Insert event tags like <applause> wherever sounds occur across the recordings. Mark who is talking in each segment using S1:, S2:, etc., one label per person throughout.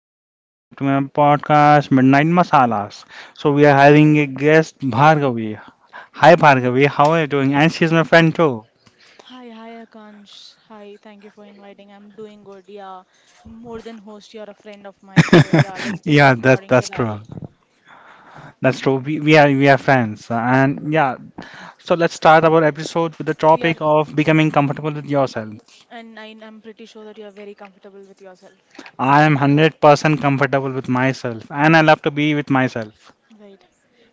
S1: and welcome to my podcast Midnight Masalas. So we are having a guest Bhargavi. Hi Bhargavi, how are you doing? And she's my friend too.
S2: Hi Akansh. Hi, thank you for inviting. I'm doing good. Yeah, more than host, you're a friend of mine. So yeah, let's
S1: <laughs>
S2: discuss
S1: Yeah, that's
S2: according to
S1: that's
S2: that.
S1: true. That's true. We are friends. And yeah, so let's start our episode with the
S2: We are,
S1: topic of becoming comfortable with yourself.
S2: and I'm pretty sure that you're very comfortable with yourself.
S1: I am 100% comfortable with myself and I
S2: Right,
S1: love to be with myself.
S2: right.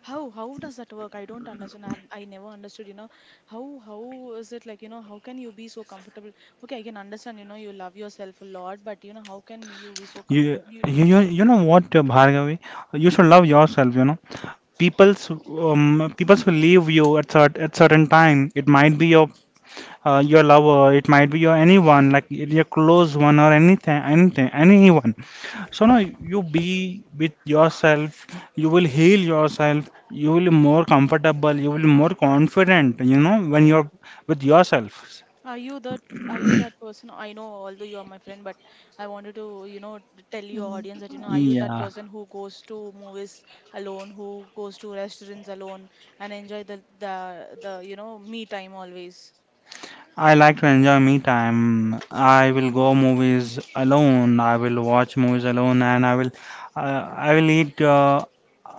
S2: How does that work? I don't understand. I never understood. You know, how is it like? You know, how can you be so comfortable? Okay, I can understand. You know, you love yourself a lot, but you know, how can you be so
S1: You
S2: comfortable?
S1: you know what, Bhargavi? You should love yourself. You know, people's who leave you at at certain time, it might be your lover, it might be your anyone, like your close one or anything, anyone. So now you be with yourself. You will heal yourself, you will be more comfortable, you will be more confident, you know, when you're with yourself.
S2: Are you that are you that person? I know although you are my friend, but I wanted to, you know, tell your audience that, you know, are you that
S1: Yeah,
S2: person who goes to movies alone, who goes to restaurants alone and enjoy the me time always?
S1: I like to enjoy me time. I will go movies alone. I will watch movies alone, and I will eat,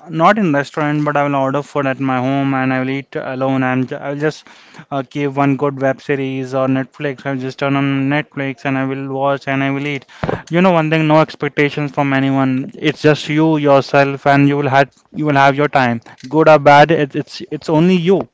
S1: not in restaurant, but I will order food at my home, and I will eat alone. And I will just keep one good web series or Netflix. I will just turn on Netflix, and I will watch, and I will eat. You know, one thing, no expectations from anyone. It's just you yourself, and you will have your time. Good or bad, it's only you.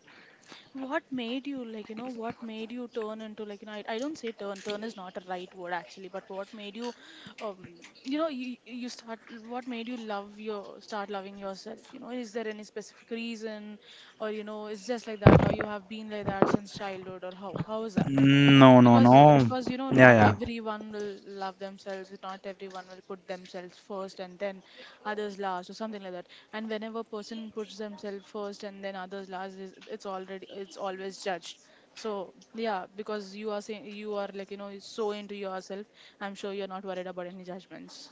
S2: What made you like, you know, what made you turn into like, you know, I don't say turn, turn is not a right word actually, but what made you, um, you know, you start, what made you love start loving yourself? You know, is there any specific reason or, you know, it's just like that or you have been like that since childhood or how is that?
S1: No, no,
S2: because
S1: no.
S2: because you know
S1: Yeah,
S2: not
S1: yeah.
S2: everyone will love themselves, not everyone will put themselves first and then others last or something like that. And whenever person puts themselves first and then others last it's already, it's always judged. So yeah, because you are saying you are like, you know, so into yourself, I'm sure you're not worried about any judgments.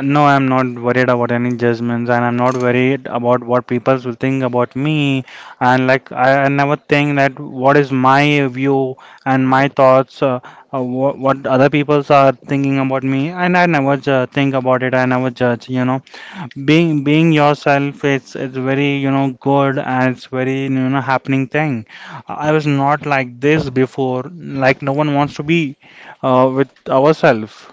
S1: No, I'm not worried about any judgments, and I'm not worried about what people will think about me. And like, I never think that what is my view and my thoughts, what other people are thinking about me. And I never think about it. I never judge. You know, being yourself, it's very, you know, good and it's very, you know, happening thing. I was not like this before. Like, no one wants to be with ourselves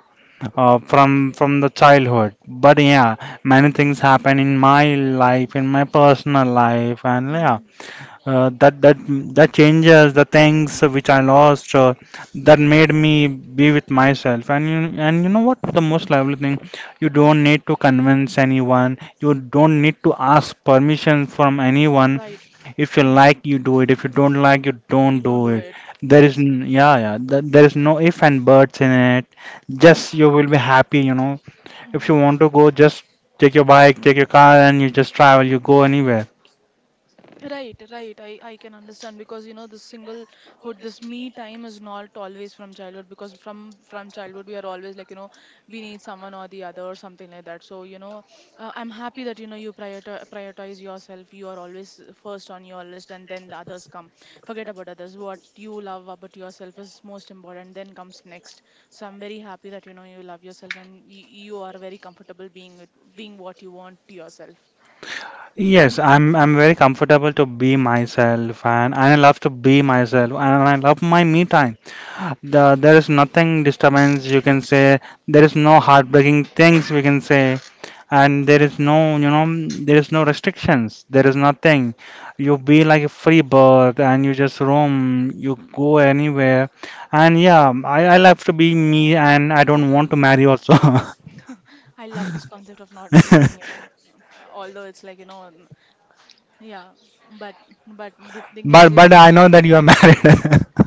S1: uh, from the childhood. But yeah, many
S2: Mm-hmm.
S1: things happen in my life, in my personal life, and yeah, uh, that that that changes the things which I lost. That made me be with myself. And you know what? The most lovely thing, you
S2: Mm-hmm.
S1: don't need to convince anyone. You don't need to ask permission from anyone.
S2: Right.
S1: If you
S2: Mm.
S1: like, you do it. If you don't like, you don't
S2: You don't
S1: do
S2: do
S1: it.
S2: it. Yes.
S1: Yeah, yeah, there is no if and buts in it. Just you will be happy, you know. If
S2: Mm-hmm.
S1: you want to go, just take your bike, take your car, and you just travel. You go anywhere.
S2: Right, right. I can understand because you know this singlehood, this me time is not always from childhood because from childhood we are always like, you know, we need someone or the other or something like that. So you know, I'm happy that you know you prioritize yourself. You are always first on your list and then the others come. Forget about others. What you love about yourself is most important. Then comes next. So I'm very happy that you know you love yourself and you are very comfortable being it, being what you want to yourself.
S1: Yes, I'm very comfortable to be myself, and I love to be myself, and I love my me time. There is nothing disturbance you can say. There is no heartbreaking things we can say, and there is no, you know, there is no restrictions. There is nothing. You be like a free bird and you just roam. You go anywhere, and yeah, I love to be me, and I don't want to marry also.
S2: I love this concept of not marrying, you
S1: <laughs>
S2: know. Although it's like, you know, yeah, but but the thing is,
S1: But
S2: you
S1: but
S2: know,
S1: I know that you are married.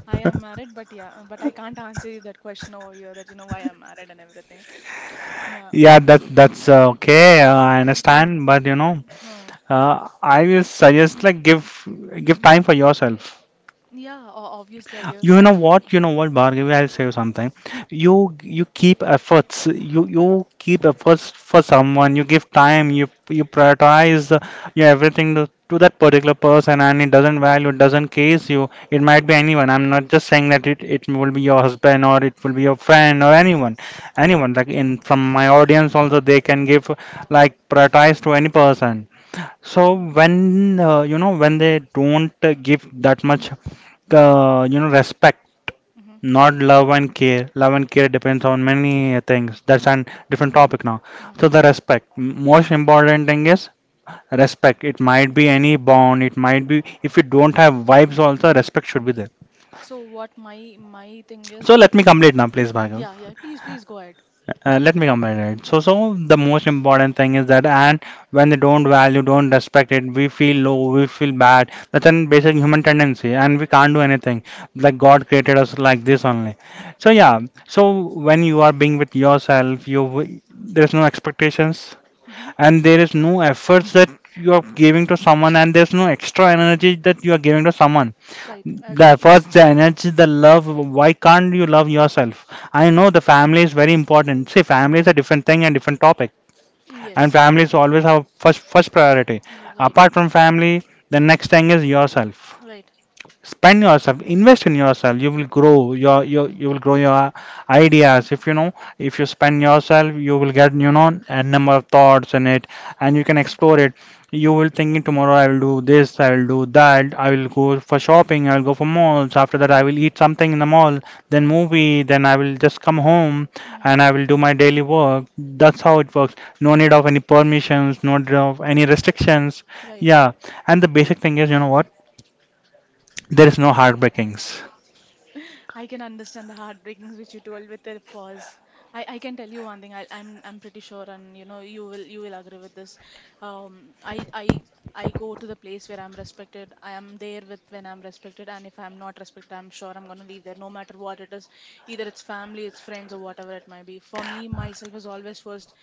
S2: I am
S1: <laughs>
S2: married, but yeah, but I can't answer you that question over here that, you know, why I'm married and everything. Yeah.
S1: Yeah, that's okay. I
S2: Mm.
S1: understand, but you know,
S2: No.
S1: I will suggest like give time for yourself.
S2: Yeah, obviously I give
S1: You know
S2: time.
S1: what? You know what, Bhargavi? I'll say you something. You keep efforts. You keep efforts for someone. You give time. You prioritize your everything to that particular person, and it doesn't value. It doesn't case you. It might be anyone. I'm not just saying that it will be your husband or it will be your friend or anyone, anyone. Like in from my audience also, they can give, like, prioritize to any person. So
S2: Mm-hmm.
S1: when, you know, when they don't, give that much, you know, respect,
S2: Mm-hmm.
S1: not love and care. Love and care depends on many things.
S2: Mm-hmm.
S1: That's a different topic now.
S2: Mm-hmm.
S1: So the respect,
S2: Mm-hmm.
S1: most important thing is respect. It might be
S2: Right.
S1: any bond. It might be, if you don't have vibes also, respect should be there.
S2: So what my thing is
S1: So let
S2: what
S1: me complete now, please, Bhagav.
S2: yeah, yeah, please, please go ahead.
S1: Let me comment it. So, the most important thing is that, and when they don't value, don't respect it, we feel low, we feel bad. That's a basic human tendency, and we can't do anything. Like God created us like this only. So
S2: Right.
S1: yeah. So when you are being with yourself, you, there's no expectations,
S2: Mm-hmm.
S1: and there is no efforts that you are giving to someone, and there's no extra energy that you are giving to someone.
S2: Right. I
S1: The
S2: agree.
S1: first, the energy, the love. Why can't you love yourself? I know the family is very important. See, family is a different thing and different topic,
S2: Mm,
S1: and
S2: yes.
S1: families always have first priority.
S2: Right.
S1: Apart from family, the next
S2: Mm.
S1: thing is yourself.
S2: Right.
S1: Spend yourself, invest in yourself. You will
S2: Yeah.
S1: grow You will grow your ideas. If you know, if you spend yourself, you will get, you know, a number of thoughts in it, and you can
S2: Mm.
S1: explore it. You will thinking, tomorrow I will do this, I will do that, I will
S2: Mm.
S1: go for shopping, I will go for malls, after that I
S2: Mm.
S1: will eat something in the mall, then
S2: Mm.
S1: movie, then I will just come home,
S2: Mhm.
S1: and I will do my daily work. That's how it works. No need of any permissions, no need of any restrictions.
S2: Right.
S1: Yeah. And the basic thing is, you know what, there is no heartbreakings.
S2: I can understand the heartbreakings which you told with the pause. I can tell you one thing. I'm pretty sure, and you know you will agree with this. Um, I I I go to the place where I'm respected. I am there with when I'm respected, and if I'm not respected, I'm sure I'm gonna leave there, no matter what it is. Either it's family, it's friends, or whatever it might be. For me, myself is always first.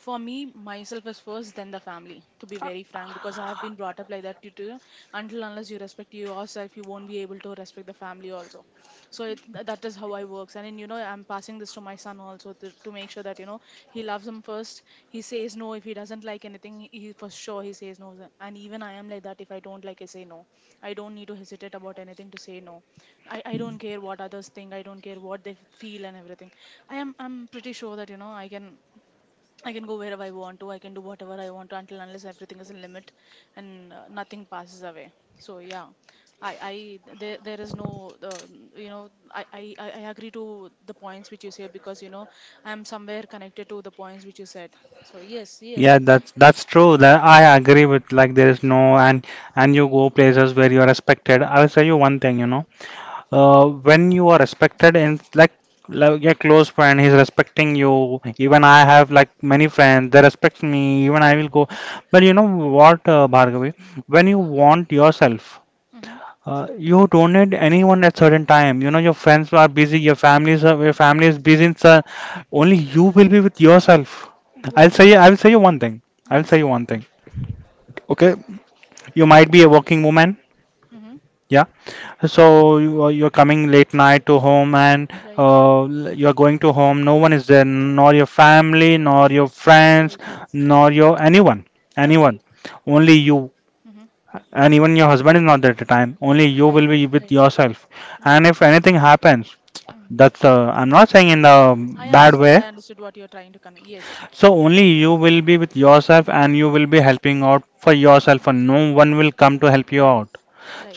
S2: For me, myself is first, then the family. To be very frank, because I have been brought up like that. You too. Until unless you respect yourself, you won't be able to respect the family also, so that is how I works. And you know, I'm passing this to my son also to make sure that you know he loves him first. He says no. If he doesn't like anything, he for sure he says no. So, and even I am like that, if I don't like, I say no. I don't need to hesitate about anything to say no. I don't care what others think, I don't care what they feel and everything. I'm pretty sure that you know I can go wherever I want to. I can do whatever I want to until unless everything is in limit, and nothing passes away. So yeah, I there is no I agree to the points which you say because you know I am somewhere connected to the points which you said. So yes, yes.
S1: Yeah, that's true. That I agree with. Like there is no, and and you go places where you are respected. I will tell you one thing. You know, when you are respected, and like, your close friend, he's respecting you. Even I have like many friends. They respect me. Even I will go. But you know what, Bhargavi? When you want yourself,
S2: Mm-hmm.
S1: uh, you don't need anyone at certain time. You know, your friends are busy, your family is busy. It's, only you will be with yourself.
S2: What
S1: I will say you one thing. I'll
S2: yes.
S1: say you one thing. Okay. You might be a working woman,
S2: Mm-hmm.
S1: yeah. So you are, you're coming late night to home, and
S2: Right.
S1: you're going to home. No one is there, nor your family, nor your friends,
S2: Right.
S1: nor your anyone, anyone.
S2: Agreed.
S1: Only you.
S2: Mm-hmm.
S1: And even your husband is not there at the time, only you
S2: Right.
S1: will be with
S2: Right.
S1: yourself.
S2: Right.
S1: And if anything happens, that's I'm
S2: Mm-hmm.
S1: not saying in a
S2: I
S1: bad
S2: understood.
S1: way.
S2: I understood what you're trying to convey. Yes.
S1: So only you will be with yourself, and you
S2: Mm-hmm.
S1: will be helping out for yourself, and no one will come to help you
S2: Right.
S1: out.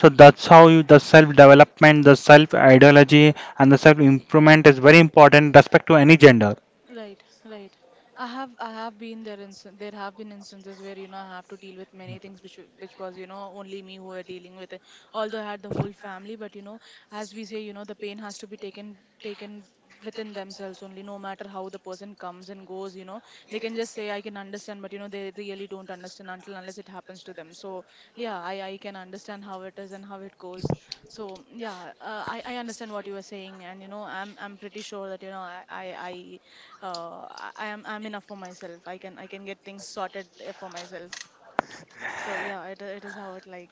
S1: So that's how you, the self development, the self ideology, and the self improvement is very important, respect to any gender.
S2: Right, right. I have been there instan there have been instances where you know I have to deal with many things which which was you know only me who were dealing with it. Although I had the whole family, but you know as we say you know the pain has to be taken within themselves only. No matter how the person comes and goes, you know they can just say I can understand, but you know they really don't understand until unless it happens to them. So yeah, I can understand how it is and how it goes. So yeah, I understand what you were saying, and you know I'm pretty sure that you know I'm enough for myself. I can get things sorted for myself. So yeah, it is how it like.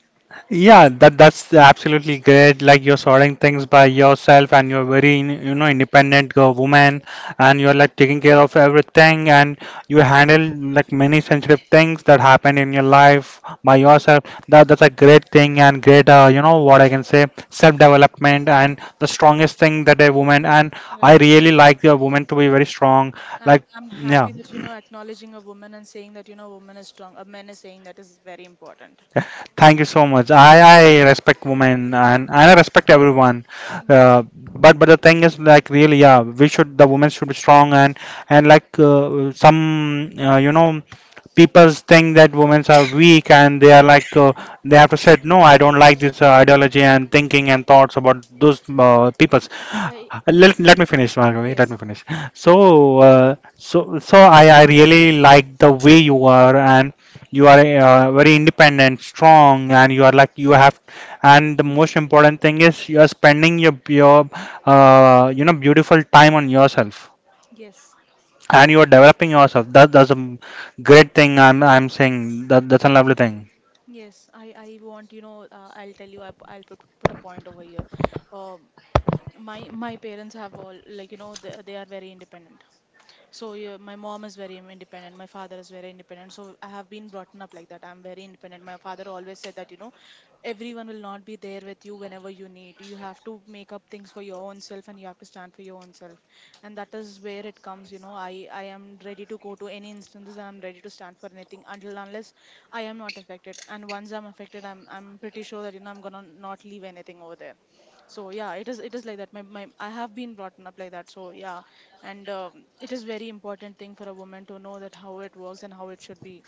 S1: Yeah, that's absolutely great. Like you're sorting things by yourself, and you're very you know, independent girl, woman, and you're like taking care of everything, and you handle like many sensitive things that happen in your life by
S2: Right,
S1: yourself. That's a great thing and great, you know what I can say, self development,
S2: right,
S1: and the strongest thing that a woman,
S2: right,
S1: and I
S2: right.
S1: really like the woman to be very strong. Like,
S2: I'm
S1: yeah.
S2: happy that you know acknowledging a woman and saying that you know a woman is strong. A man is saying that is very important.
S1: Thank you so much. I respect women, and I
S2: Mm.
S1: respect everyone.
S2: Yeah.
S1: Uh, but the thing is, like, really, yeah, we should, the women should be strong, and like, some, you know, people think that women are weak and they are like, they have to say no. I don't like this, ideology and thinking and thoughts about those, people.
S2: I
S1: Let me finish, Margavi.
S2: yes.
S1: Let me finish. So, so I really like the way you are, and you are, very independent, strong, and you are like you have. And the most important thing is you are spending your, you know, beautiful time on yourself,
S2: Yes,
S1: and you are developing yourself. That's a great thing. I'm saying that that's a lovely thing.
S2: yes. I want, I'll tell you. I'll put a point over here. Um, my parents have all like you know they are very independent. So yeah, my mom is very independent. My father is very independent. So I have been brought up like that. I'm very independent. My father always said that, you know, everyone will not be there with you whenever you need. You have to make up things for your own self and you have to stand for your own self. And that is where it comes, you know, I am ready to go to any instances and I'm ready to stand for anything until unless I am not affected. And once I'm affected, I'm pretty sure that, you know, I'm gonna not leave anything over there. So yeah, it is like that. My I have been brought up like that. So yeah, and it is very important thing for a woman to know that how it works and how it should be.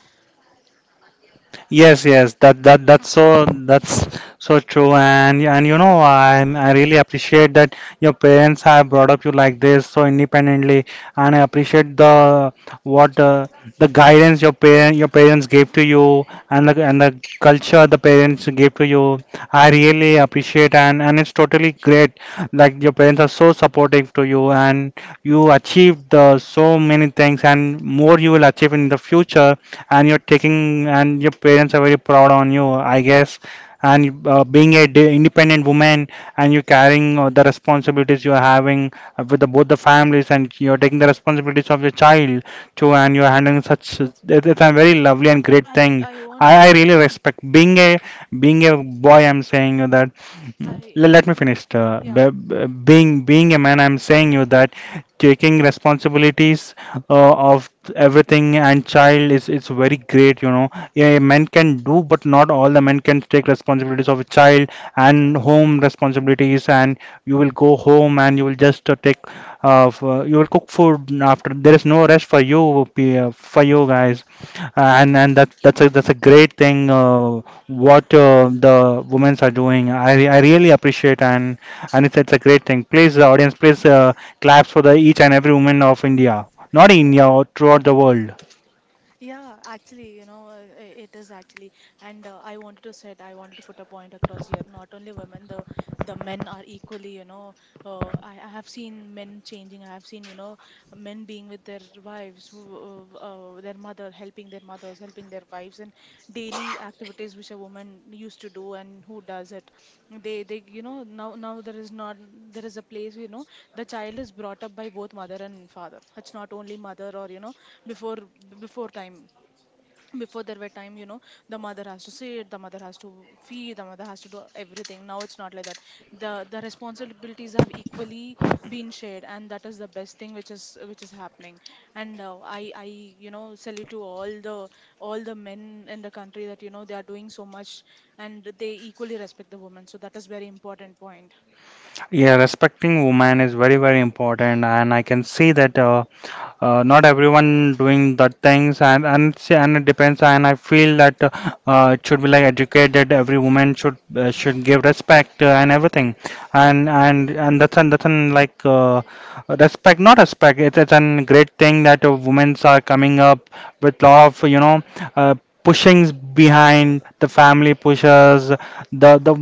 S1: Yes, yes, that's so true, and you know, I really appreciate that your parents have brought up you like this so independently, and I appreciate the what the guidance your parents gave to you, and the culture the parents gave to you. I really appreciate, and it's totally great. Like your parents are so supportive to you, and you achieved so many things, and more you will achieve in the future, and you're taking and your parents are very proud on you, I guess. And being independent woman, and you're carrying the responsibilities you're having with the, both the families, and you're taking the responsibilities of your child too. And you're handling such it's a very lovely and great
S2: Uh, i
S1: thing.
S2: I want to
S1: I
S2: put up
S1: really respect being a being a boy I'm saying you that.
S2: I
S1: Let me finish.
S2: yeah,
S1: Being a man, I'm saying you that, taking responsibilities of everything and child, is it's very great, you know. Yeah, men can do, but not all the men can take responsibilities of a child and home responsibilities. And you will go home and you will just take you will cook food. After, there is no rest for you for you guys. And that's a that's a great thing. What The women are doing, I really appreciate. And it's a great thing. Please, audience, please, claps for the each and every woman of India, not in India, or throughout the world.
S2: yeah, actually, you know, it is actually. And I wanted to put a point across here. Not only women, the men are equally, you know. I have seen men changing, I have seen, you know, men being with their wives, their mother, helping their mothers, helping their wives, and daily activities which a woman used to do and who does it. You know, now, there is not, there is a place, you know, the child is brought up by both mother and father. It's not only mother or you know before, before time before there were time, you know, the mother has to sit, the mother has to feed, the mother has to do everything. Now it's not like that. The responsibilities have equally been shared and that is the best thing which is happening. And I salute to all the men in the country that you know they are doing so much and they equally respect the women. So that is very important point.
S1: Yeah, respecting women is very, very important, and I can see that. Not everyone doing that things. And see, and it depends, and I feel that it should be like educated. Every woman should give respect and everything. And that's an like respect not respect. It's a great thing that women are coming up with lot of, you know, uh, pushings. Behind the family pushes, the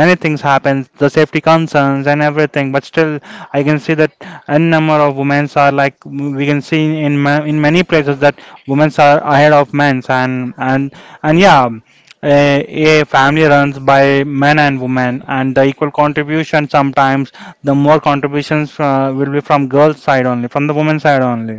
S1: many things happens, the safety concerns and everything, but still I can see that n number of women are like, we can see in many places that women are ahead of men. And yeah, a family runs by men and women, and the equal contribution. Sometimes the more contributions will be from girls side only, from the women side only.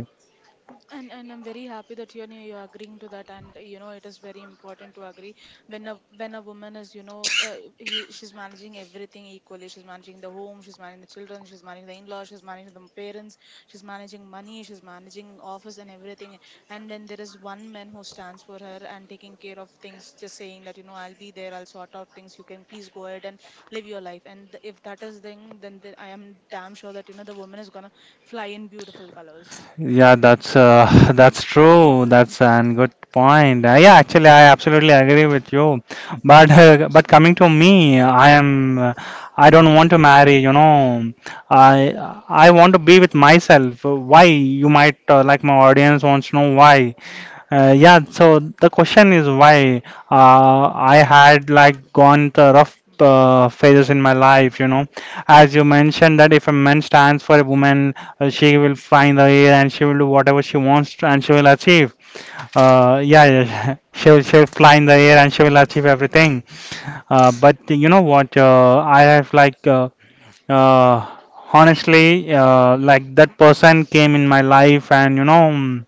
S2: And I'm very happy that you know you're agreeing to that, and you know it is very important to agree when a woman is, you know, she's managing everything equally. She's managing the home, she's managing the children, she's managing the in-laws, she's managing the parents, she's managing money, she's managing office and everything. And when there is one man who stands for her and taking care of things, just saying that you know I'll be there, I'll sort out things. You can please go ahead and live your life. And if that is the thing, then I am damn sure that you know the woman is gonna fly in beautiful colors.
S1: Yeah, that's <laughs> that's true. That's an good point. Yeah, actually, I absolutely agree with you. But coming to me, I am I don't want to marry. You know,
S2: I
S1: I I want to be with myself. Why? You might like my audience wants to know why. Yeah, so the question is why I had like gone the rough phases in my life, you know. As you mentioned that if a man stands for a woman, she will find the air and she will do whatever she and she will achieve. Yeah, yeah, <laughs> she will fly in the air and she will achieve everything. But you know what? I have like uh, honestly, like that person came in my life, and you know,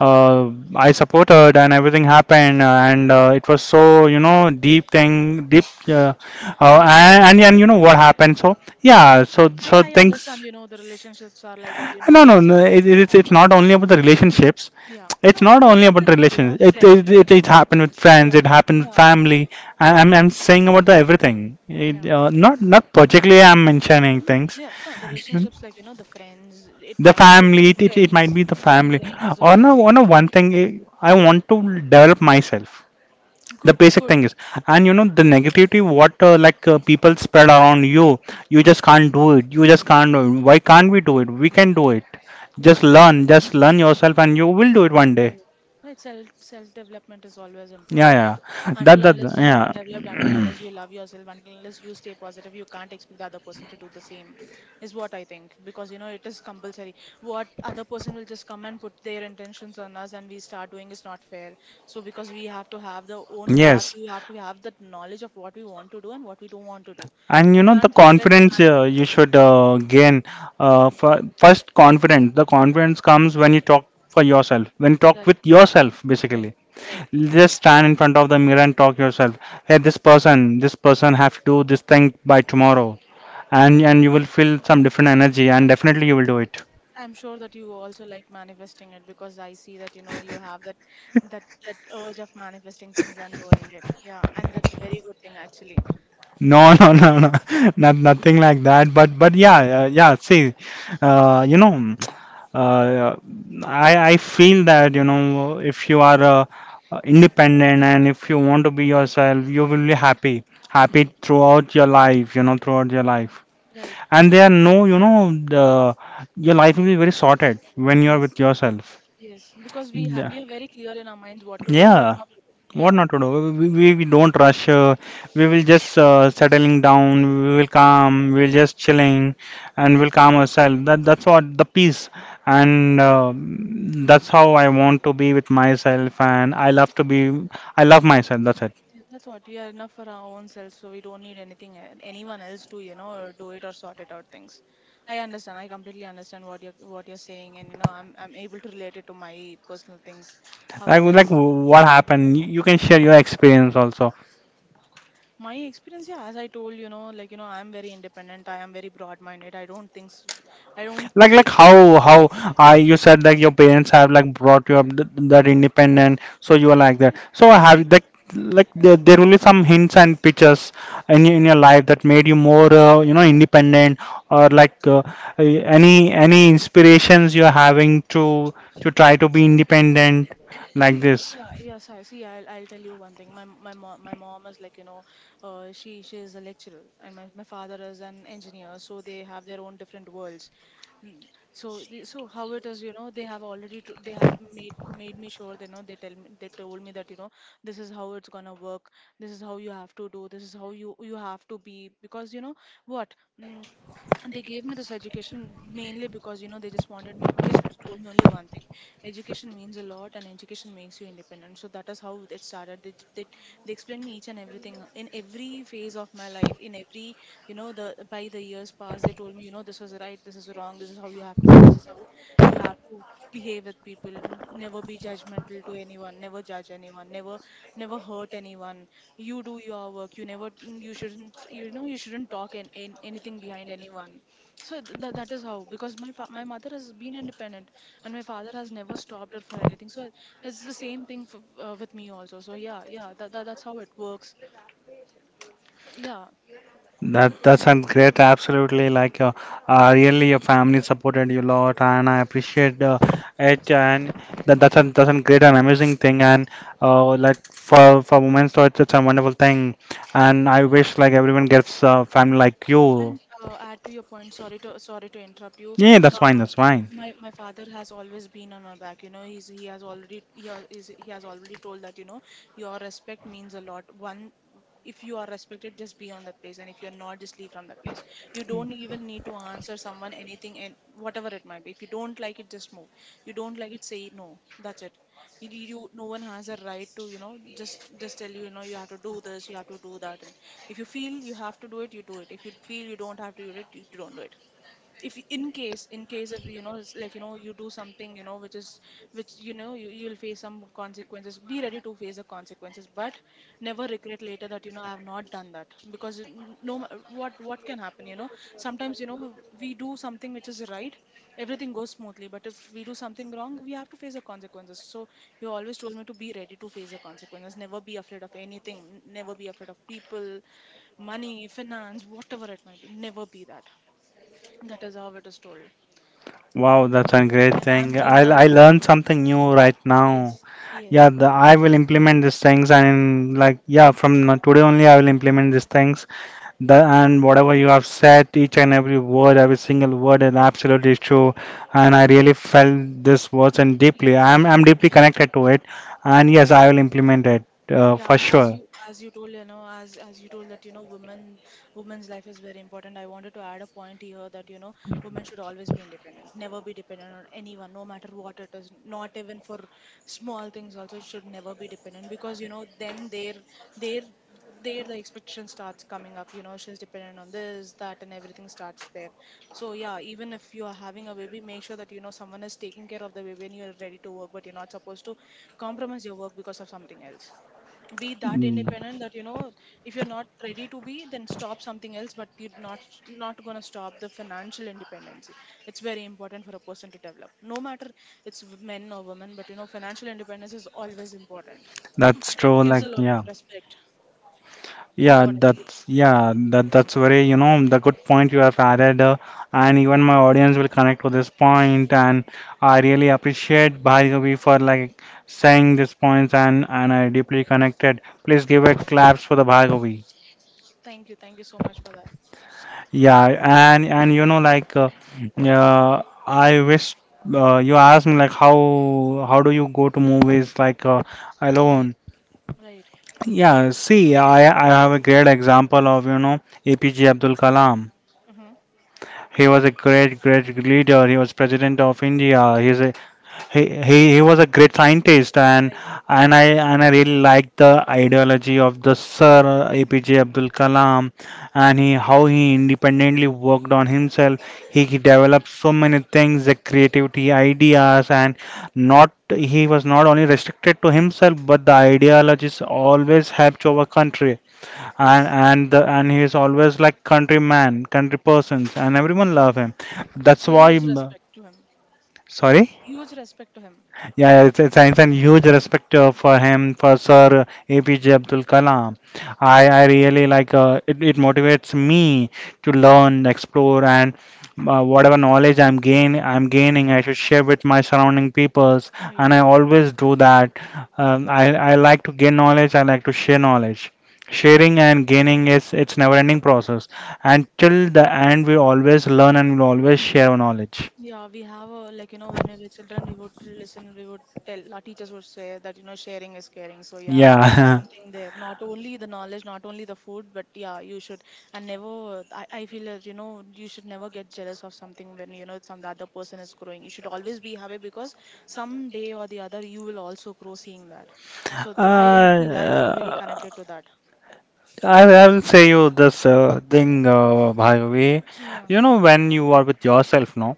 S1: I supported and everything happened, and it was so, you know, deep thing, deep
S2: I
S1: and,
S2: understand.
S1: and you know what happened. So yeah, so
S2: I
S1: so
S2: I understand.
S1: things.
S2: You know, the relationships are like that. You know,
S1: no
S2: it
S1: no no
S2: sometimes
S1: it's it's not
S2: happens.
S1: only about the relationships,
S2: Yeah.
S1: it's
S2: No,
S1: not only about
S2: everything. You
S1: relations.
S2: know, the friendship.
S1: It happened with friends,
S2: Yeah.
S1: it happened with
S2: Yeah.
S1: family. I, I'm saying about the everything.
S2: Yeah.
S1: Not not particularly I'm mentioning
S2: No.
S1: things.
S2: Yeah. The
S1: Hmm.
S2: relationships, like you know, the friends. It
S1: The
S2: might be
S1: family
S2: between
S1: it might
S2: friends,
S1: be the family.
S2: siblings, or anything.
S1: On a one thing, I want to develop myself. The
S2: Good.
S1: basic
S2: Good.
S1: thing is, and you know, the negativity what people spread around you, you just can't do it, you just
S2: Right.
S1: can't do it. Why can't we do it? We can do it. Just
S2: Right.
S1: learn, just learn yourself, and you will do it one day.
S2: Right. Right. Self development is always
S1: Yeah,
S2: important.
S1: yeah, that
S2: Until
S1: that
S2: unless you are
S1: yeah.
S2: developed, until unless you love yourself, until unless you stay positive, you can't expect the other person to do the same, is what I think. Because you know it is compulsory. What other person will just come and put their intentions on us, and we start doing is not fair. So because we have to have the
S1: <clears throat>
S2: own path,
S1: Yes.
S2: we have to have that knowledge of what we want to do and what we don't want to do.
S1: And you
S2: We
S1: know the
S2: can't just get
S1: confidence you
S2: manipulated.
S1: should gain. First confidence, the confidence comes when
S2: Right.
S1: you talk for yourself, when you talk
S2: Right.
S1: with yourself
S2: Right.
S1: basically.
S2: Right.
S1: Just stand in front of the mirror and talk yourself. Hey, this person have to do this thing by tomorrow, and you will feel some different energy, and definitely you will do it.
S2: I'm sure that you also like manifesting it because I see that you know you have that urge of manifesting things and doing it. Yeah, and that's a very good thing actually.
S1: No, <laughs> no, no, no, <laughs> not nothing like that. But yeah, yeah. See, you know, uh, I feel that, you know, if you are independent and if you want to be yourself, you will be happy, happy throughout your life. You know, throughout your life.
S2: Right,
S1: And there
S2: right.
S1: are no, you know, the your life will be very sorted when you are
S2: Yes,
S1: with yourself.
S2: yes. Because we ha
S1: Yeah,
S2: we are very clear in our minds what to do and what
S1: yeah.
S2: not to do.
S1: What
S2: Yeah,
S1: not to do, we don't rush. We will just settling down. We will calm, we will just chilling, and we'll
S2: right.
S1: calm ourselves. That that's what the peace. And that's how I want to be with myself, and I love to be, I love myself. That's it.
S2: Yeah, that's what we are enough for our own selves, so we don't need anything anyone else to, you know, do it or sort it out things. I understand. I completely understand what you're saying, and you know, I'm able to relate it to my personal things, how
S1: like
S2: it is.
S1: like what happened, you can share your experience also.
S2: My experience, yeah, as I told you know, like you know, I'm very independent. I am very broad-minded. I don't think, I don't
S1: Like
S2: take.
S1: how, I you said like your parents have like brought you up that independent, so you are like that. So I
S2: You see,
S1: have like there, there will be some hints and pictures in in your life that made you more, you know, independent. Or like eh, any any inspirations you're having to try to be independent like
S2: see,
S1: this.
S2: yeah, yes, I see. I'll tell you one thing. My mom is like you know, she is a lecturer, and my father is an engineer. So they have their own different worlds. Mm, so how it is, you know, they have already t they have made made me sure. They know they tell me they told me that you know, this is how it's gonna work. This is how you have to do. This is how you have to be because you know what. Mm, And they gave me this education mainly because you know they just wanted me just told me only one thing. Education means a lot and education makes you independent, so that is how it started. They explained me each and everything, in every phase of my life, in every, you know, the by the years past they told me, you know, this is right, this is wrong, this is how you have to be, this is how you have to behave with people. Never be judgmental to anyone, never judge anyone, never hurt anyone. You do your work, you never you shouldn't talk and, anything behind anyone. So that is how, because my mother has been independent and my father has never stopped her for anything, so it's the same thing for, with me also. So yeah, yeah, that's how it works. Yeah.
S1: That that's a great. Absolutely, like really, your family supported you a lot, and I appreciate it. And that that's a great and amazing thing. And like for women, so it's a wonderful thing. And I wish like everyone gets a family like you.
S2: And, add to your point, sorry to, interrupt you.
S1: Yeah, that's
S2: uh,
S1: fine. That's fine.
S2: my father has always been on my back, you know. He has already told that you know, your respect means a lot. One, if you are respected, just be on that place, and if you're not, just leave from that place. You don't even need to answer someone anything, and whatever it might be, if you don't like it, just move. You don't like it, say no. That's it. You No one has a right to, you know, just tell you, you know, you have to do this, you have to do that. And if you feel you have to do it, you do it. If you feel you don't have to do it, you don't do it. If y- In case, if you know, it's like, you know, you do something, you know, which is, which you know, you will face some consequences. Be ready to face the consequences, but never regret later that, you know, I have not done that. Because n- no ma- what can happen, you know, sometimes, you know, we do something which is right, everything goes smoothly. But if we do something wrong, we have to face the consequences. So you always told me to be ready to face the consequences, never be afraid of anything, never be afraid of people, money, finance, whatever it might be. Never be that. That is how it is told. And
S1: Wow, that's a great thing.
S2: I'm
S1: I
S2: being
S1: I
S2: a,
S1: learned something new right
S2: yes,
S1: now.
S2: yes,
S1: Yeah, the, I will implement these things, and like yeah, from now- today only I will implement these things. The, and whatever you have said, each and every word, every single word is absolutely true. And I really felt this was and
S2: yes.
S1: deeply. I'm deeply connected to it, and yes, I will implement it
S2: Yeah,
S1: for
S2: as
S1: sure.
S2: you told, you know, as you told that, you know, women's life is very important. I wanted to add a point here that, you know, women should always be independent, never be dependent on anyone, no matter what it is, not even for small things. Also should never be dependent because, you know, then their the expectation starts coming up. You know, she's dependent on this, that, and everything starts there. So yeah, even if you are having a baby, make sure that, you know, someone is taking care of the baby and you're ready to work, but you're not supposed to compromise your work because of something else. Be that
S1: Mm.
S2: independent that, you know, if you're not ready to be, then stop something else, but you're not going to stop the financial independency. It's very important for a person to develop, no matter it's men or women, but you know financial independence is always important.
S1: That's
S2: That
S1: true.
S2: gives a
S1: Like
S2: lot of
S1: yeah,
S2: respect, is
S1: yeah.
S2: what I feel.
S1: That's yeah. That that's very, you know, the good point you have added, and even my audience will connect to this point. And I really appreciate Bhargavi for like saying these points, and I deeply connected. Please give a claps for the Bhargavi.
S2: Thank you, thank you so much for that.
S1: Yeah, and you know like I wish you asked me like how do you go to movies like
S2: Right,
S1: alone?
S2: right.
S1: Yeah, see, I have a great example of, you know, APJ Abdul Kalam.
S2: Mm-hmm.
S1: He was a great great leader. He was president of India. He's a he he was a great scientist. and
S2: Right.
S1: and I and I really like the ideology of the Sir APJ Abdul Kalam, and he how he independently worked on himself. He developed so many things, the creativity, ideas, and not he was not only restricted to himself, but the ideologies always helped our country. and
S2: Yes.
S1: and the, and he is always like countryman, country persons, and everyone love him. That's why.
S2: Huge respect to him.
S1: Sorry.
S2: Huge respect to him.
S1: Yeah, yeah, it's a huge respect for him, for Sir APJ Abdul Kalam. I really like it motivates me to learn, explore, and whatever knowledge I'm gaining, I should share with my surrounding peoples, and
S2: Right.
S1: I always do that. I like to gain knowledge, I like to share knowledge. Sharing and gaining is it's never-ending process, and till the end, we always learn and we always share our knowledge.
S2: Yeah, we have a, like you know, when we were children, we would listen, we would tell our teachers would say that, you know, sharing is caring. So yeah,
S1: Yeah. <laughs>
S2: something there. Not only the knowledge, not only the food, but yeah, you should. And never. I feel that, you know, you should never get jealous of something when you know some the other person is growing. You should always be happy because some day or the other you will also grow seeing that. So I feel very
S1: Uh,
S2: connected to that.
S1: I will say you this thing, Bhargavi.
S2: Yeah,
S1: You know, when you are with yourself, no?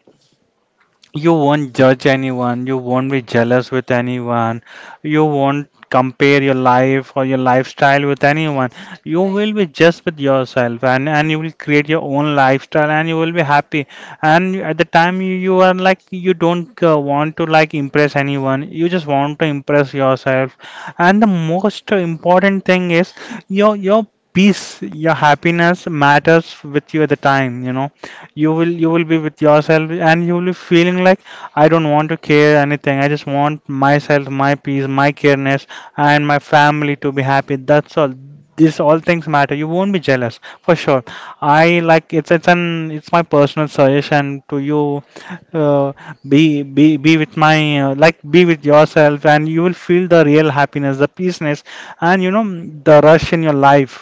S1: You won't judge anyone, you won't be jealous with anyone, you won't compare your life or your lifestyle with anyone. You
S2: right.
S1: will be just with yourself, and you will create your own lifestyle and you will be happy. And you- at the time you, you are like you don't want to like impress anyone, you just want to impress yourself. And the most important thing is your peace, your happiness matters with you. At the time, you know, you will be with yourself and you will be feeling like, I don't want to care anything, I just want myself, my peace, my careness, and my family to be happy. That's all. These all things matter. You won't be jealous for sure. I like it's an it's my personal suggestion to you. uh, be be with my like be with yourself, and you will feel the real happiness, the peaceness, and you know the rush in your life.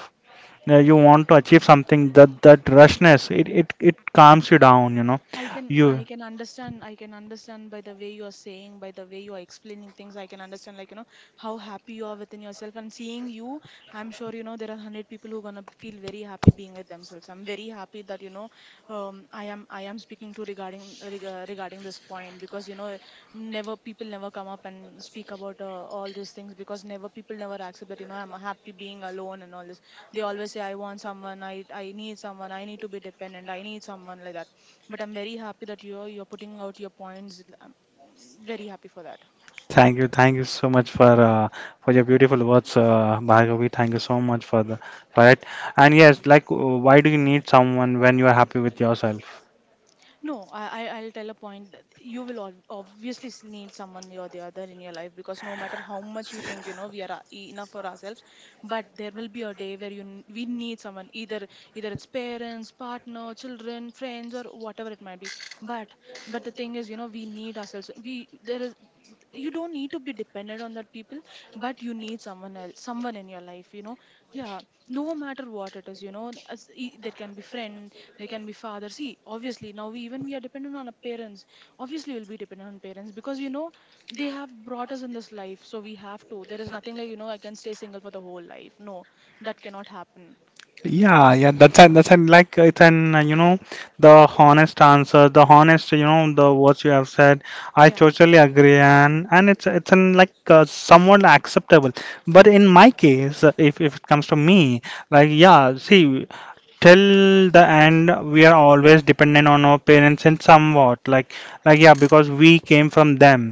S1: You want to achieve something. That that rushness it it calms you down, you know.
S2: I can
S1: You
S2: I can understand I can understand by the way you are saying, by the way you are explaining things, I can understand, like, you know, how happy you are within yourself. And seeing you, I'm sure, you know, there are 100 people who are gonna feel very happy being with themselves. I'm very happy that, you know, I am speaking to, regarding this point, because you know never people never come up and speak about, all these things. Because never people never accept that, you know, I'm happy being alone and all this. They always say, I want someone, I need someone, I need to be dependent, I need someone like that. But I'm very happy that you're putting out your points. I'm very happy for that.
S1: thank you thank you so much for your beautiful words, Bhargavi. Thank you so much for the for it. And yes, like, why do you need someone when you are happy with yourself?
S2: No, I'll tell a point that you will obviously need someone or the other in your life, because no matter how much we think, you know, we are enough for ourselves, but there will be a day where we need someone, either it's parents, partner, children, friends, or whatever it might be. But but the thing is, you know, we need ourselves. We, there is, you don't need to be dependent on that people, but you need someone else, someone in your life, you know. Yeah, no matter what it is, you know, there can be friend, there can be father. See, obviously now, even we are dependent on our parents. Obviously we'll be dependent on parents because, you know, they have brought us in this life, so we have to. There is nothing like, you know, I can stay single for the whole life. No, that cannot happen.
S1: Yeah, yeah, that's an like it's an you know, the honest answer, the honest, you know, the words you have said. I
S2: Yeah.
S1: totally agree, and it's an like somewhat acceptable. But in my case, if it comes to me, like yeah, see, till the end we are always dependent on our parents, and somewhat like yeah, because we came from them,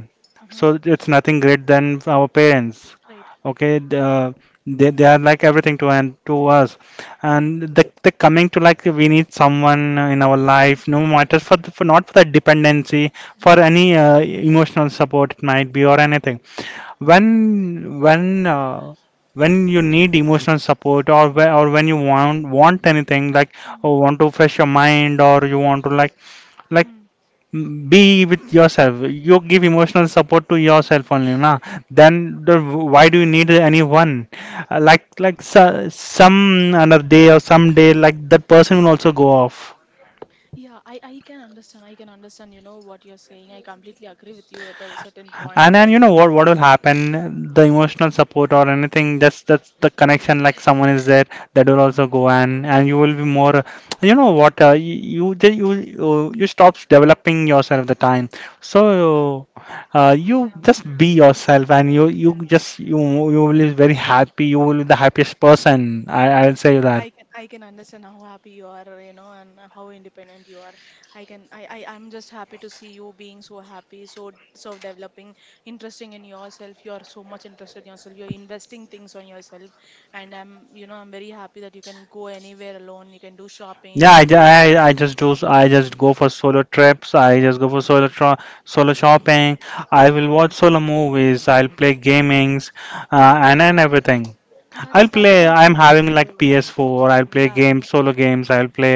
S2: Mm-hmm.
S1: so it's nothing great than our parents.
S2: Right.
S1: Okay, they are like everything to and to us.
S2: Mm-hmm.
S1: And the coming to like we need someone in our life, no matter for not for the dependency,
S2: Mm-hmm.
S1: for any emotional support it might be or anything.
S2: Mm-hmm.
S1: When when uh, when you need emotional support, or when you want anything like,
S2: Mm-hmm.
S1: or
S2: Mm-hmm.
S1: want to fresh your mind, or you want to like be with yourself, you give emotional support to yourself only, na. Then why do you need anyone? Like so, some another day or some day like that person will also go off,
S2: Yeah, I can understand. I can understand, you know, what you're saying. I completely agree with you at a certain point
S1: and
S2: where,
S1: then, you
S2: you know,
S1: know, what will happen? The emotional support or anything, just that's the connection, like someone is there, that will also go. And you will be more, you know what, you stop developing yourself the time. So you
S2: yeah.
S1: just be yourself, and you
S2: Yeah,
S1: you just you you will be very happy. You will be the happiest person, I'll say that.
S2: I can understand how happy you are, you know, and how independent you are. I can I I'm just happy to see you being so happy, so developing, interesting in yourself. You are so much interested in yourself. You're investing things on yourself, and I'm very happy that you can go anywhere alone. You can do shopping. You
S1: Yeah,
S2: can do.
S1: I just do, I just go for solo trips. I
S2: Yeah,
S1: just go for solo shopping. I will watch solo movies. I'll play gamings, and everything.
S2: and that's
S1: I'll
S2: that's
S1: play.
S2: enough
S1: I'm
S2: for a
S1: having
S2: person to.
S1: like PS4. I'll play
S2: Yeah,
S1: games, solo games. I'll play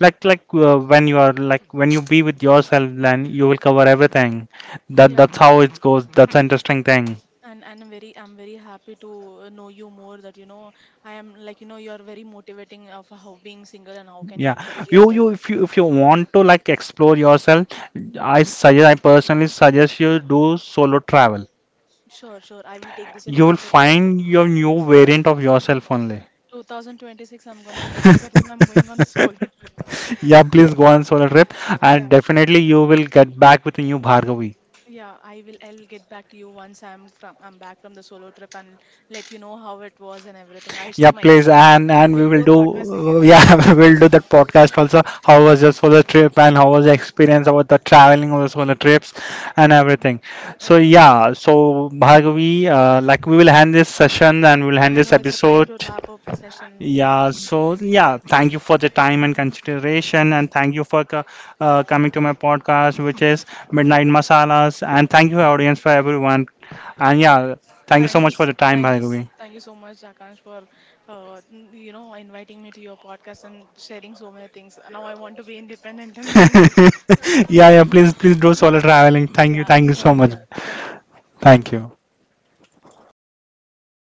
S1: like when you are like when you be with yourself, then you will cover everything. That
S2: yeah.
S1: that's how it goes. That's an interesting thing.
S2: And I'm very happy to, know you more, that you know I am, like you know, you are very motivating of how being single and how can you
S1: Yeah,
S2: encourage
S1: you
S2: yourself.
S1: you if you if you want to like explore yourself, I personally suggest you do solo travel.
S2: Sure, sure. I will take this into
S1: You will
S2: consideration.
S1: find your new variant of yourself only.
S2: 2026 I'm gonna make sure that, you know, I'm going on a <laughs> solo trip.
S1: <laughs> Yeah, please go on solo trip, and
S2: Yeah.
S1: definitely you will get back with a new Bhargavi.
S2: Yeah, I'll get back to you once I'm back from the solo trip, and let you know how it was and everything. I'll
S1: Yeah,
S2: share my
S1: please,
S2: experience
S1: and
S2: again.
S1: and we
S2: We'll do
S1: will
S2: a
S1: do
S2: podcast again on that.
S1: yeah, <laughs> we will do that podcast also. How was your solo trip, and how was the experience about the traveling of the solo trips and everything. So
S2: And
S1: yeah, so Bhargavi, like we will end this session and we will end
S2: I
S1: this
S2: know it's a time
S1: episode.
S2: to wrap up a session. Yeah.
S1: Yeah, so yeah, thank you for the time and consideration, and thank you for coming to my podcast, which is Midnight Masalas, and thank you, audience, for everyone. And
S2: Thank,
S1: yeah, thank you so
S2: thank you,
S1: much for the time,
S2: thank you,
S1: Bhargavi.
S2: thank you so much, Akash, for, you know, inviting me to your podcast and sharing so many things. Now I want to be independent and <laughs> single.
S1: <laughs> Yeah, yeah, please, please do solo traveling.
S2: Yeah,
S1: Thank you
S2: sure.
S1: so much.
S2: Yeah, thank you.
S1: Thank you.